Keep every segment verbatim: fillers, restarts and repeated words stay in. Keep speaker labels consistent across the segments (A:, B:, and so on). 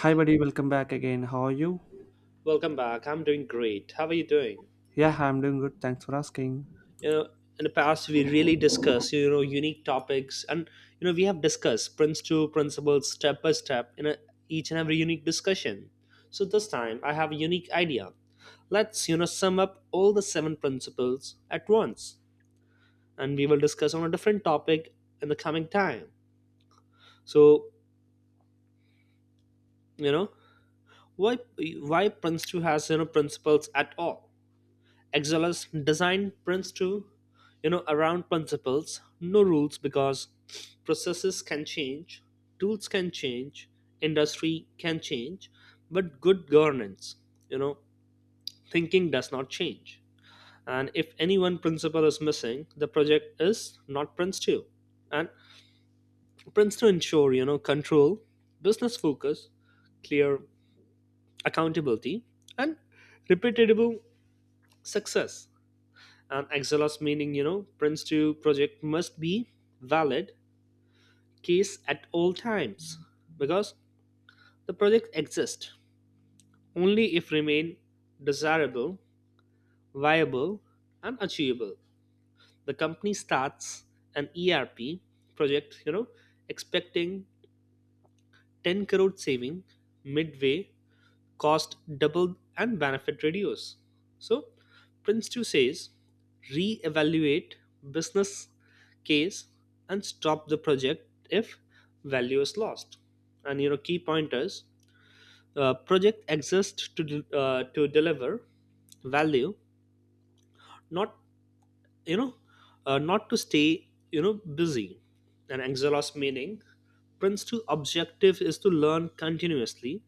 A: Hi, buddy. Welcome back again. How are you?
B: Welcome back. I'm doing great. How are you doing?
A: Yeah, I'm doing good. Thanks for asking.
B: You know, in the past we really discussed, you know, unique topics, and you know, we have discussed Prince two principles step by step in a, each and every unique discussion. So this time I have a unique idea. Let's, you know, sum up all the seven principles at once, and we will discuss on a different topic in the coming time. So, you know, why why Prince two has, you know, principles at all? Exilus design Prince to, you know, around principles, no rules, because processes can change, tools can change, industry can change, but good governance, you know, thinking does not change. And if any one principle is missing, the project is not Prince two. And Prince to ensure, you know, control, business focus, clear accountability, and repeatable success. And exelos meaning you know prince two project must be valid case at all times, because the project exists only if remain desirable, viable, and achievable. The company starts an erp project, you know expecting ten crore saving. Midway, cost double and benefit reduce. So Prince two says re-evaluate business case and stop the project if value is lost. And you know key pointers: uh, project exists to del- uh, to deliver value, not you know uh, not to stay you know busy. And exhaust meaning Prince two objective is to learn continuously,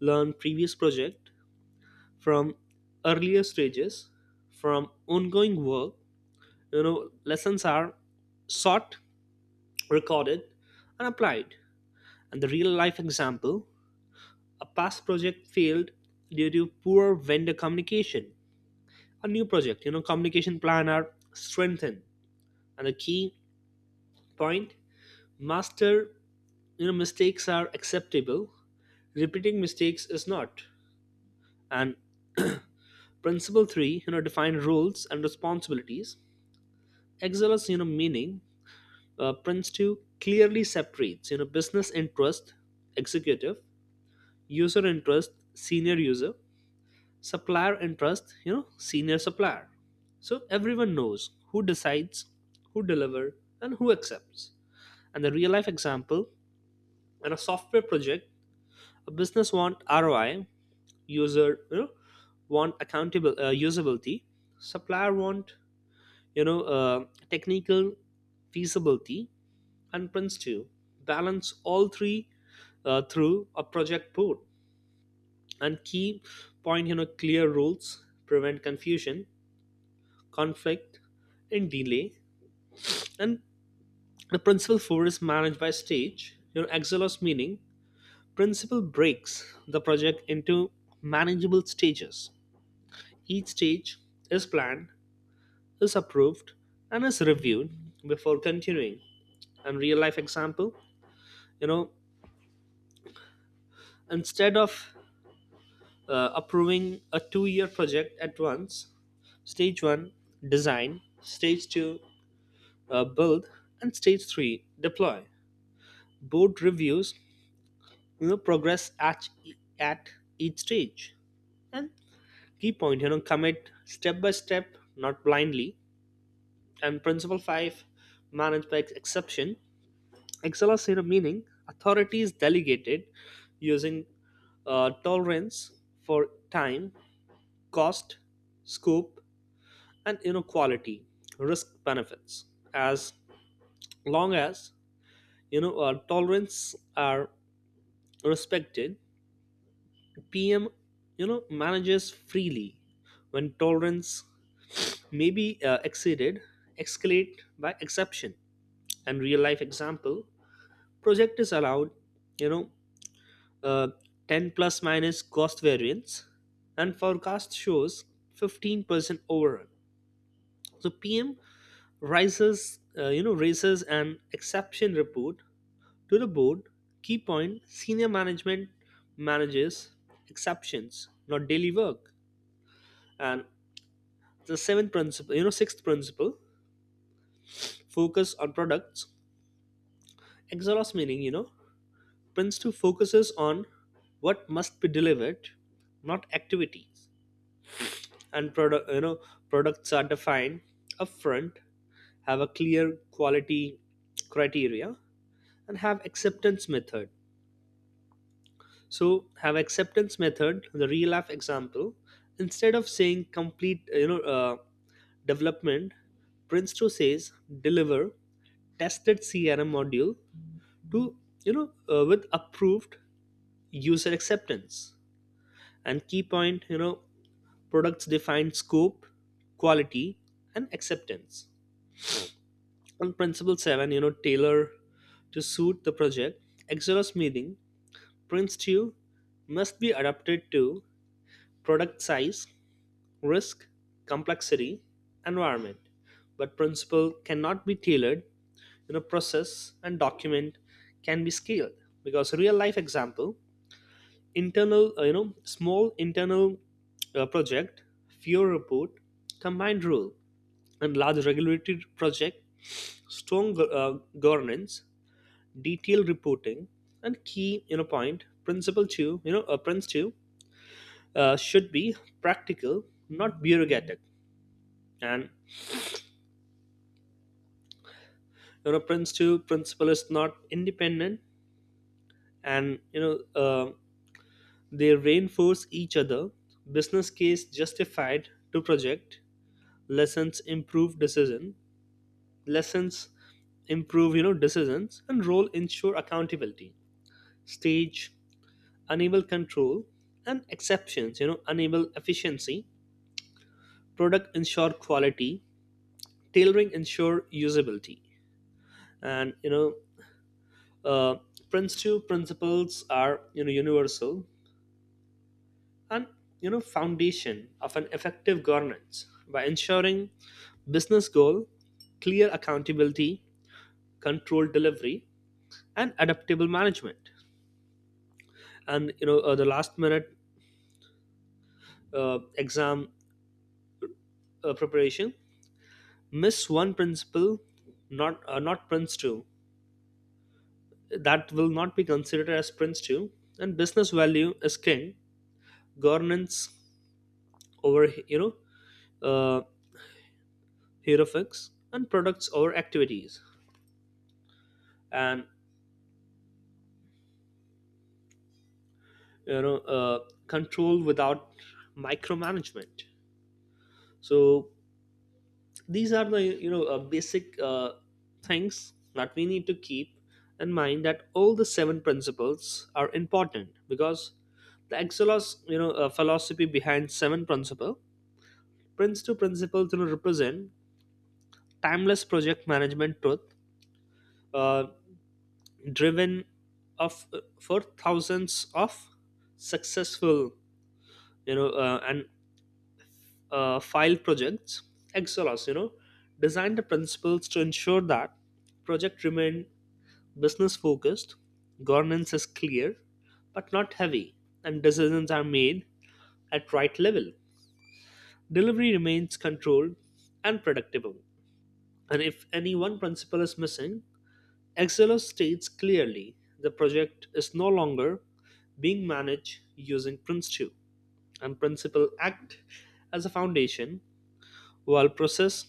B: learn previous project from earlier stages, from ongoing work. you know lessons are sought, recorded, and applied. And the real life example: a past project failed due to poor vendor communication; a new project, you know communication plan are strengthened. And the key point master, you know mistakes are acceptable, repeating mistakes is not. And principle three, you know define roles and responsibilities as well. you know meaning uh, Prince two clearly separates you know business interest executive, user interest senior user, supplier interest you know senior supplier, so everyone knows who decides, who deliver, and who accepts. And the real life example: in a software project, a business want R O I, user you know want accountable uh, usability, supplier want you know uh, technical feasibility, and prince two balance all three uh, through a project board. And key point, you know, clear rules, prevent confusion, conflict, and delay. And the principle four is managed by stage. You know, Exelos meaning principle breaks the project into manageable stages. Each stage is planned, is approved, and is reviewed before continuing. And real life example, you know, instead of uh, approving a two year project at once: stage one design, stage two uh, build, and stage three deploy. Board reviews you know progress at e- at each stage. And key point, you know commit step by step, not blindly. And principle five, manage by ex- exception. Excellence in a meaning authority is delegated using uh, tolerance for time, cost, scope, and inequality, risk, benefits. As long as you know uh, tolerance are respected, pm you know manages freely. When tolerance may be uh, exceeded, escalate by exception. And real life example: project is allowed you know uh, ten plus minus cost variance and forecast shows fifteen percent overrun, so pm rises, uh, you know, raises an exception report to the board. Key point: senior management manages exceptions, not daily work. And the seventh principle, you know, sixth principle: focus on products. Exhaust meaning, you know, Prince two focuses on what must be delivered, not activities. And product, you know, products are defined upfront, have a clear quality criteria, and have acceptance method. So have acceptance method the real life example: instead of saying complete uh, you know uh, development, prince two says deliver tested crm module to, you know uh, with approved user acceptance. And key point, you know products define scope, quality, and acceptance. On principle seven, you know tailor to suit the project. Exodus meaning prince two must be adapted to product size, risk, complexity, environment. But principle cannot be tailored. You know, process and document can be scaled, because real life example: internal, uh, you know, small internal uh, project, fewer report, combined rule; and large regulatory project, strong uh, governance, detailed reporting. And key you know point, principle two you know uh, principle two uh, should be practical, not bureaucratic. And you know prince two principle is not independent, and you know uh, they reinforce each other. Business case justified to project, lessons improve decision lessons improve you know decisions, and role ensure accountability, stage enable control, and exceptions you know enable efficiency, product ensure quality, tailoring ensure usability. And you know uh, prince two principles are you know universal, and you know foundation of an effective governance by ensuring business goal, clear accountability, controlled delivery, and adaptable management. And you know uh, the last minute uh, exam uh, preparation: miss one principle, not uh, not prince two, that will not be considered as prince two. And business value is king, governance over you know uh, hero, and products over activities, and you know uh, control without micromanagement. So these are the you know uh, basic uh, things that we need to keep in mind, that all the seven principles are important, because the exelos you know uh, philosophy behind seven principle prince two principles you know represent timeless project management truth, uh, driven of uh, for thousands of successful you know uh, and uh, file projects. Excellence you know design the principles to ensure that project remain business focused, governance is clear but not heavy, and decisions are made at right level, delivery remains controlled and predictable. And if any one principle is missing, excellence states clearly the project is no longer being managed using prince two. And principle act as a foundation, while process,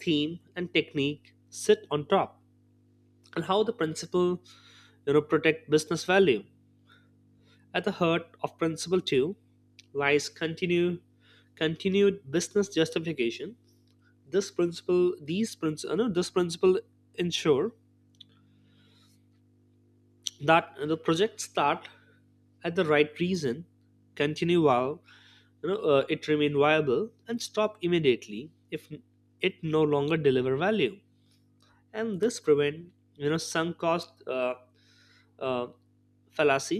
B: theme, and technique sit on top. And how the principle you know protect business value. At the heart of principle two lies continue continued business justification. This principle, these principle, no, this principle ensure that the projects start at the right reason, continue while you know uh, it remain viable, and stop immediately if it no longer deliver value. And this prevent you know sunk cost uh, uh, fallacy.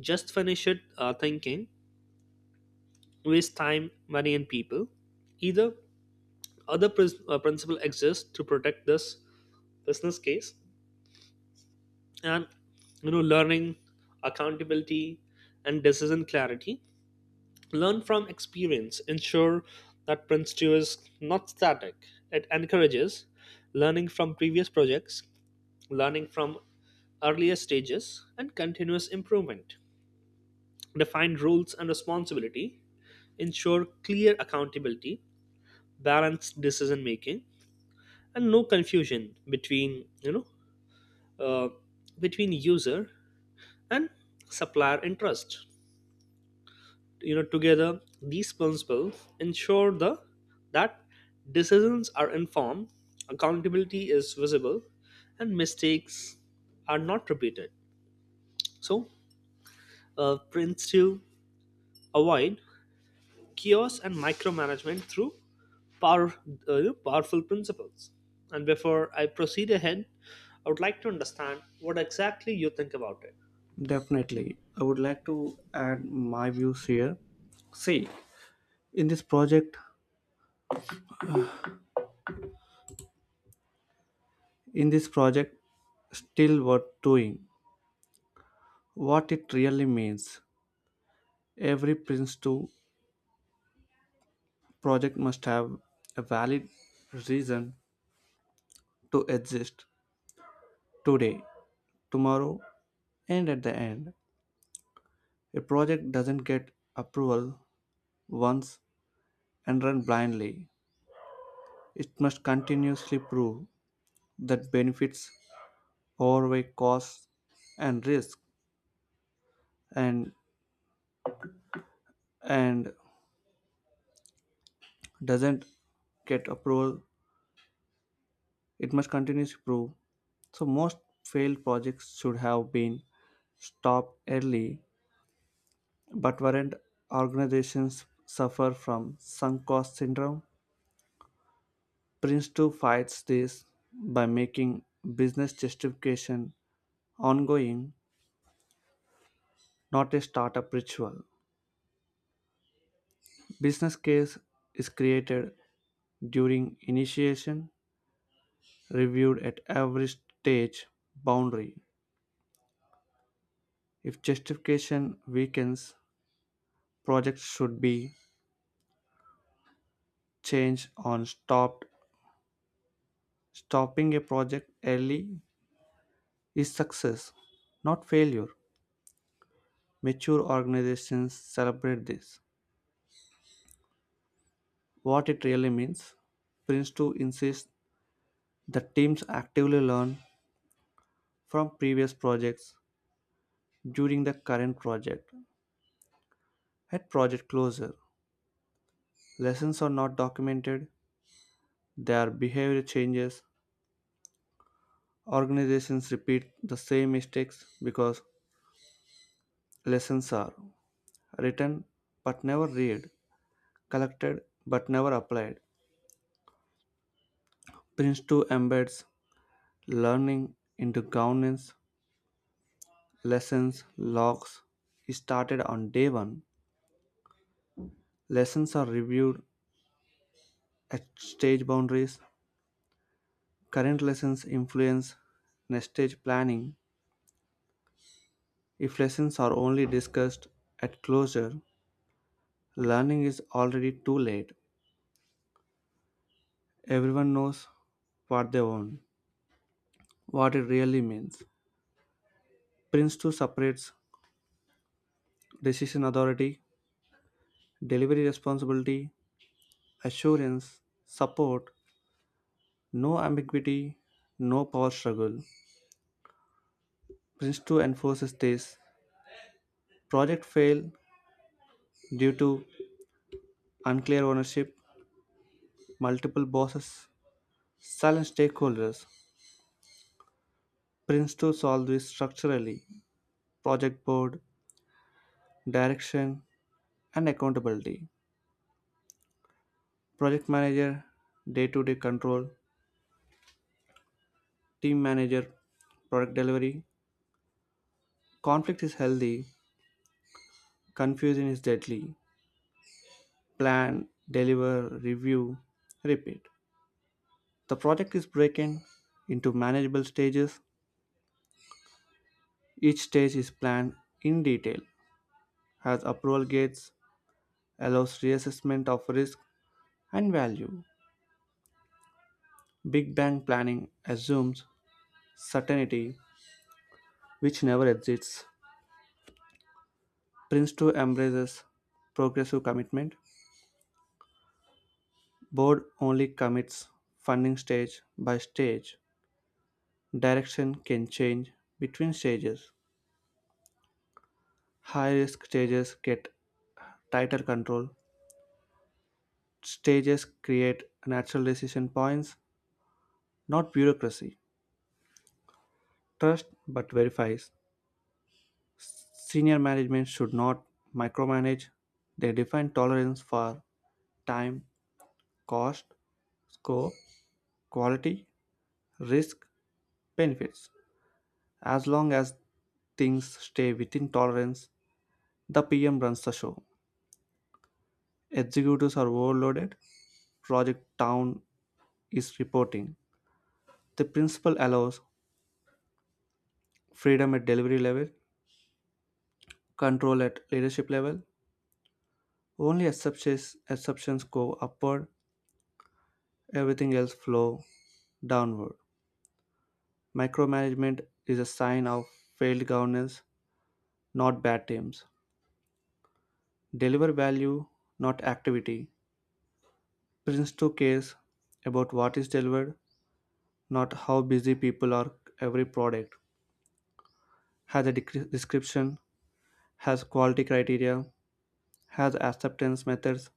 B: Just finish it uh, thinking waste time, money, and people. Either Other pris- uh, principle exists to protect this business case. And you know learning, accountability, and decision clarity: learn from experience ensure that prince two is not static, it encourages learning from previous projects, learning from earlier stages, and continuous improvement. Define roles and responsibility, ensure clear accountability, balanced decision making, and no confusion between you know uh, between user and supplier interest. You know together these principles ensure the that decisions are informed, accountability is visible, and mistakes are not repeated. So, uh, principle. Avoid chaos and micromanagement through power, uh, powerful principles. And before I proceed ahead, I would like to understand what exactly you think about it.
A: Definitely, I would like to add my views here. See, in this project, in this project, still worth doing. What it really means: every Prince two project must have a valid reason to exist today, tomorrow, and at the end. A project doesn't get approval once and run blindly. It must continuously prove that benefits outweigh costs and risk, and and doesn't get approval, it must continuously prove. So most failed projects should have been stopped early but weren't. Organizations suffer from sunk cost syndrome. Prince two fights this by making business justification ongoing, not a startup ritual. Business case is created during initiation, reviewed at every stage boundary. If justification weakens, projects should be changed or stopped. Stopping a project early is success, not failure. Mature organizations celebrate this. What it really means: Prince two insists that teams actively learn from previous projects during the current project. At project closure, lessons are not documented, they are behavior changes. Organizations repeat the same mistakes because lessons are written but never read, collected but never applied. Prince two embeds learning into governance. Lessons, logs. It started on day one. Lessons are reviewed at stage boundaries. Current lessons influence next stage planning. If lessons are only discussed at closure, learning is already too late. Everyone knows what they want. What it really means: Prince two separates decision authority, delivery responsibility, assurance, support. No ambiguity, no power struggle. Prince two enforces this. Project failed due to unclear ownership, multiple bosses, silent stakeholders. Prince two solves this structurally. Project board, direction, and accountability. Project manager, day to day control. Team manager, product delivery. Conflict is healthy, confusion is deadly. Plan, deliver, review, repeat. The project is broken into manageable stages. Each stage is planned in detail, has approval gates, allows reassessment of risk and value. Big Bang planning assumes certainty which never exists. Prince two embraces progressive commitment. Board only commits funding stage by stage. Direction can change between stages. High risk stages get tighter control. Stages create natural decision points, not bureaucracy. Trust but verifies. Senior management should not micromanage. They define tolerance for time, cost, scope, quality, risk, benefits. As long as things stay within tolerance, the P M runs the show. Executives are overloaded, project down is reporting. The principle allows freedom at delivery level, control at leadership level. Only exceptions, exceptions go upward, everything else flow downward. Micromanagement is a sign of failed governance, not bad teams. Deliver value, not activity. Prince two cares about what is delivered, not how busy people are. Every product has a decri- description, has quality criteria, has acceptance methods.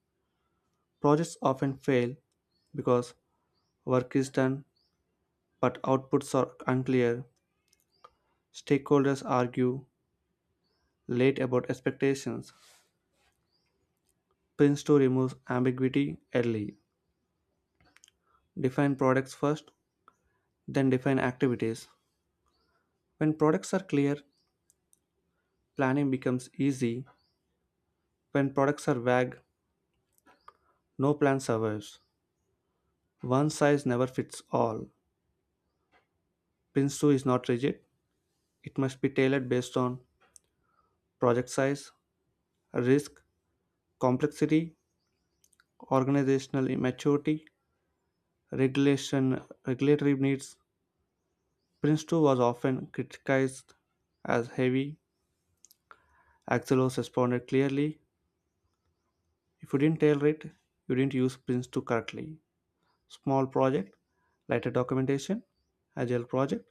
A: Projects often fail because work is done but outputs are unclear. Stakeholders argue late about expectations. Prince two removes ambiguity early. Define products first, then define activities. When products are clear, planning becomes easy. When products are vague, no plan survives. One size never fits all. Prince two is not rigid, it must be tailored based on project size, risk, complexity, organizational maturity, regulation regulatory needs. Prince two was often criticized as heavy. Axelos responded clearly: if you didn't tailor it, you didn't use Prince two correctly. Small project, lighter documentation. Agile project,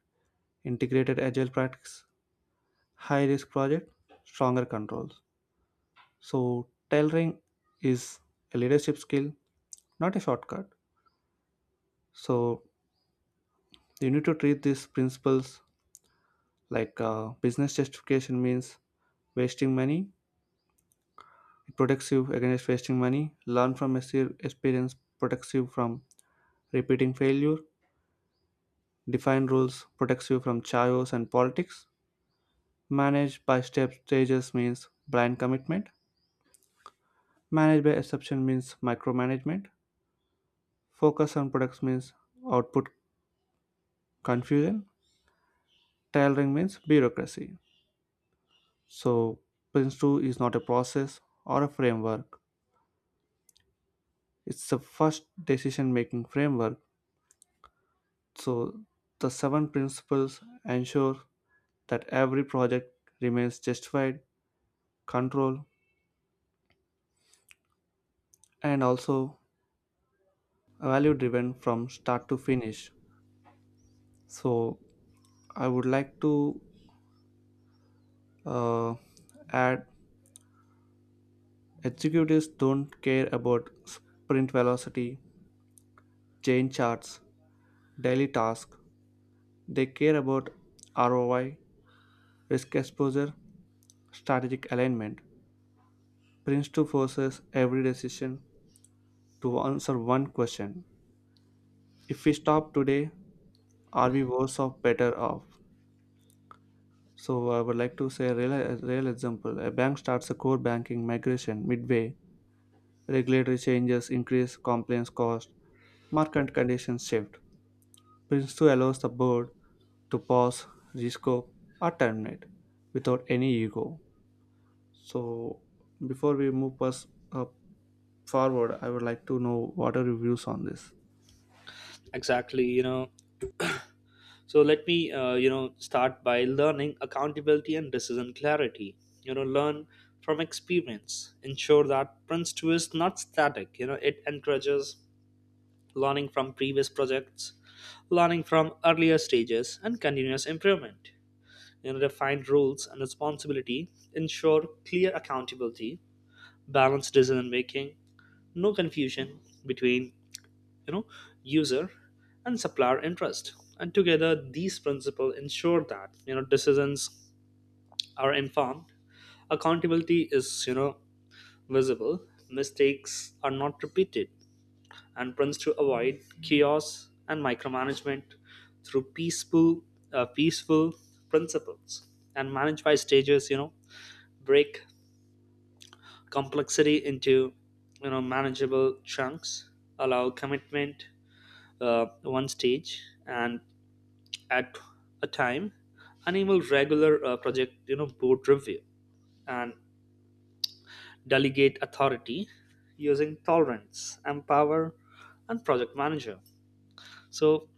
A: integrated agile practice. High risk project, stronger controls. So, tailoring is a leadership skill, not a shortcut. So, you need to treat these principles like uh, business justification means wasting money. It protects you against wasting money. Learn from exper- experience protects you from repeating failure. Define rules protects you from chaos and politics. Manage by step stages means blind commitment. Manage by exception means micromanagement. Focus on products means output confusion. Tailoring means bureaucracy. So, Prince two is not a process or a framework. It's the first decision making framework. So, the seven principles ensure that every project remains justified, controlled, and also value driven from start to finish. So, I would like to uh, add: executives don't care about sprint velocity, chain charts, daily tasks. They care about R O I, risk exposure, strategic alignment. Prince two forces every decision to answer one question: if we stop today, are we worse off, better off? So I would like to say a real, a real example. A bank starts a core banking migration midway. Regulatory changes increase compliance cost. Market conditions shift. Prince two allows the board to pause, rescope, or terminate without any ego. So before we move us uh, forward, I would like to know what are your views on this.
B: Exactly, you know. So let me, uh, you know, start by learning accountability and decision clarity. You know, learn from experience. Ensure that Prince two is not static. You know, it encourages learning from previous projects, learning from earlier stages, and continuous improvement. And defined roles and responsibility ensure clear accountability, balanced decision making, no confusion between you know user and supplier interest. And together these principles ensure that you know decisions are informed, accountability is you know visible, mistakes are not repeated, and plans to avoid chaos and micromanagement through peaceful uh, peaceful principles. And manage by stages you know break complexity into you know manageable chunks, allow commitment uh, one stage and at a time, enable regular uh, project you know board review, and delegate authority using tolerance empower and project manager, so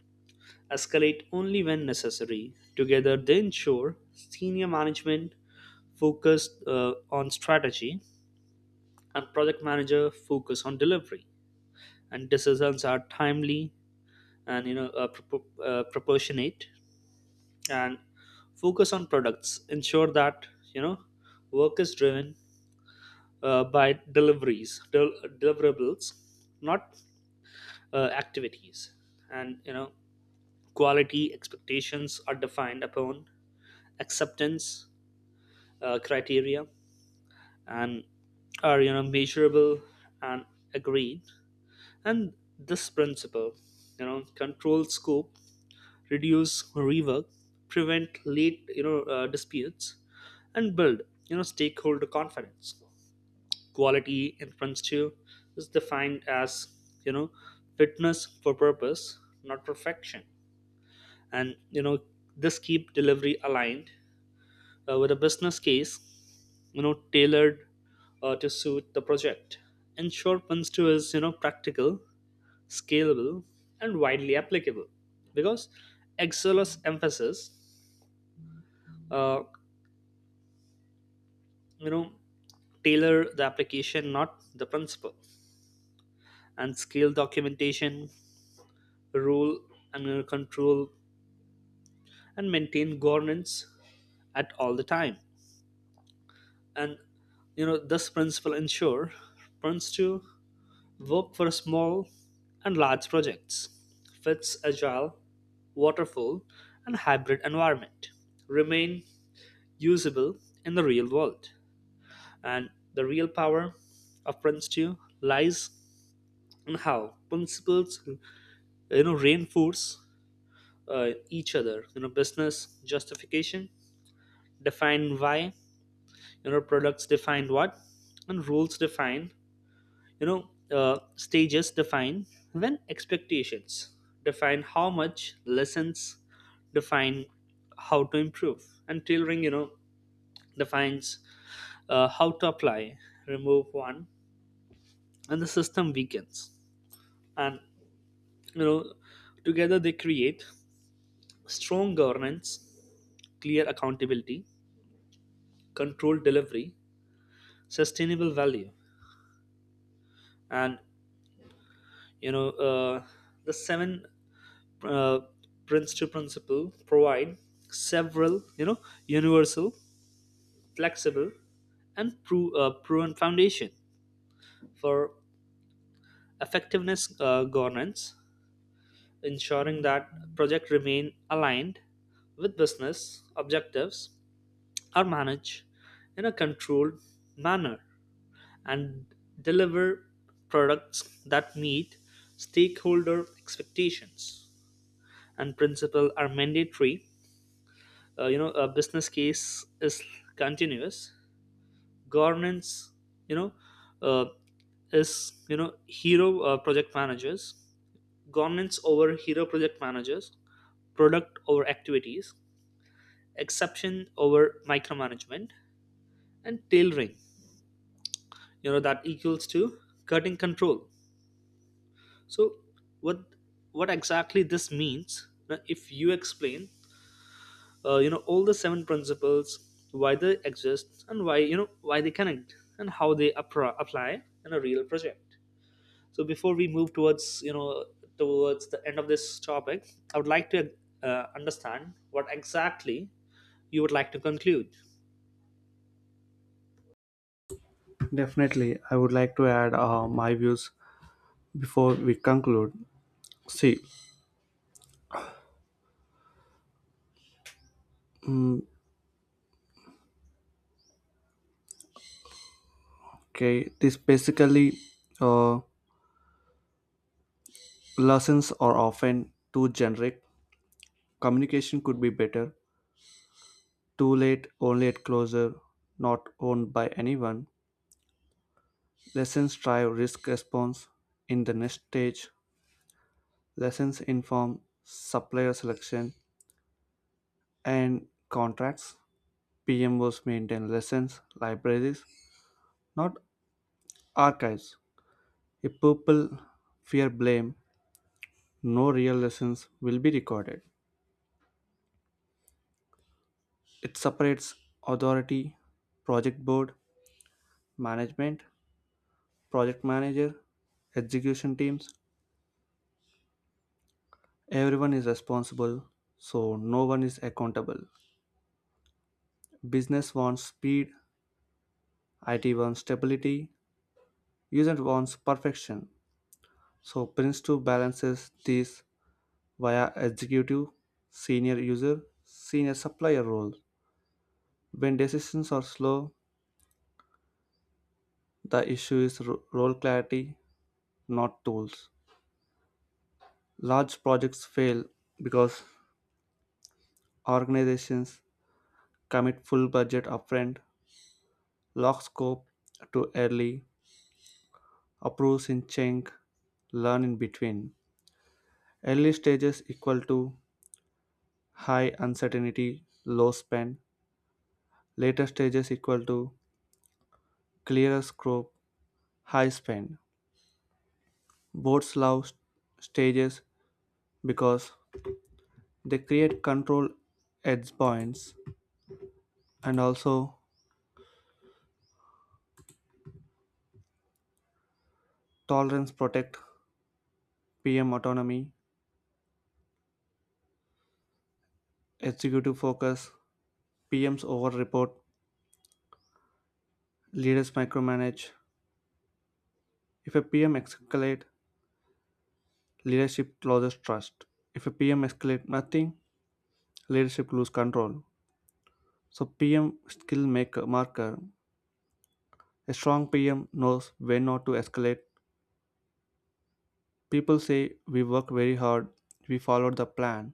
B: escalate only when necessary. Together they ensure senior management focused uh, on strategy and project manager focus on delivery, and decisions are timely and you know uh, propo uh, proportionate. And focus on products ensure that you know work is driven uh, by deliveries del- deliverables, not uh, activities. And you know quality expectations are defined upon acceptance uh, criteria, and are you know measurable and agreed. And this principle you know controls scope, reduce rework, prevent late you know uh, disputes, and build you know stakeholder confidence. Quality in french too is defined as you know fitness for purpose, not perfection. And you know this keep delivery aligned uh, with a business case. you know tailored uh, to suit the project, ensure Punstu is you know practical, scalable, and widely applicable, because Excel's emphasis, uh, you know tailor the application, not the principle, and scale documentation, rule, and uh, control, and maintain governance at all the time. And you know this principle ensure firms to work for small and large projects, fits agile, waterfall, and hybrid environment, remain usable in the real world. And the real power of prince two lies and how principles uh, you know reinforce uh, each other. you know business justification define why, you know products define what, and rules define you know uh, stages define when, expectations define how much, lessons define how to improve, and tailoring you know defines uh, how to apply. Remove one, and the system weakens. And you know together they create strong governance, clear accountability, controlled delivery, sustainable value. And you know uh, the seven uh, principle principle provide several you know universal, flexible, and pro- uh, proven foundation for effectiveness uh, governance, ensuring that project remain aligned with business objectives, are managed in a controlled manner, and deliver products that meet stakeholder expectations. And principle are mandatory. uh, you know a business case is continuous governance, you know uh, is you know hero uh, project managers, governance over hero project managers, product over activities, exception over micromanagement, and tailoring you know that equals to cutting control. So what what exactly this means? Now, if you explain, uh, you know all the seven principles, why they exist and why you know why they connect, and how they appro- apply in a real project. So before we move towards you know towards the end of this topic, I would like to uh, understand what exactly you would like to conclude.
A: Definitely, I would like to add uh, my views before we conclude. See, okay, this basically uh, lessons are often too generic. Communication could be better. Too late, only at closure, not owned by anyone. Lessons drive risk response in the next stage. Lessons inform supplier selection and contracts. P M Os maintain lessons, libraries, not archives. If people fear blame, no real lessons will be recorded. It separates authority: project board, management, project manager, execution teams. Everyone is responsible, so no one is accountable. Business wants speed, I T wants stability, user wants perfection. So prince two balances these via executive, senior user, senior supplier roles. When decisions are slow, the issue is ro- role clarity, not tools. Large projects fail because organizations commit full budget upfront, lock scope to early, approves in chunk, learn in between. Early stages equal to high uncertainty, low spend. Later stages equal to clearer scope, high spend. Boards love s- stages because they create control edge points. And also tolerance protect P M autonomy, executive focus. P M's over report, leaders micromanage. If a P M escalate, leadership loses trust. If a P M escalates nothing, leadership lose control. So P M skill maker marker. A strong P M knows when not to escalate. People say we work very hard, we followed the plan.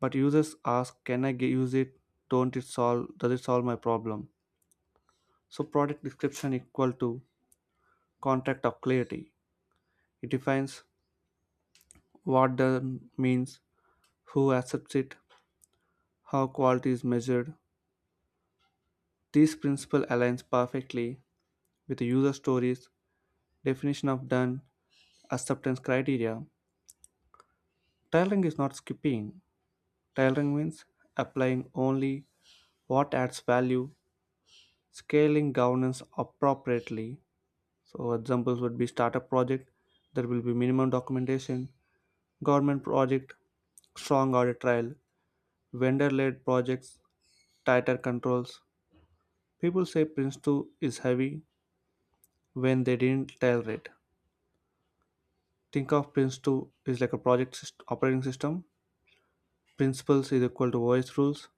A: But users ask, can I ge- use it? Don't it solve Does it solve my problem? So product description equal to contract of clarity. It defines what done means, who accepts it, how quality is measured. This principle aligns perfectly with user stories, definition of done, acceptance criteria. Tailoring is not skipping. Tailoring means applying only what adds value, scaling governance appropriately. So examples would be: startup project, there will be minimum documentation. Government project, strong audit trail. Vendor-led projects, tighter controls. People say Prince two is heavy when they didn't tailor it. Think of Prince two is like a project syst- operating system. Principles is equal to voice rules,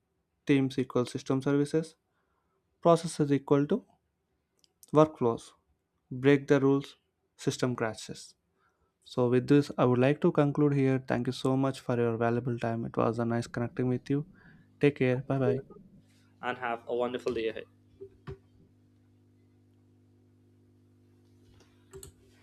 A: teams equal system services, processes equal to workflows. Break the rules, system crashes. So with this I would like to conclude here. Thank you so much for your valuable time. It was a nice connecting with you. Take care, bye bye.
B: And have a wonderful day ahead.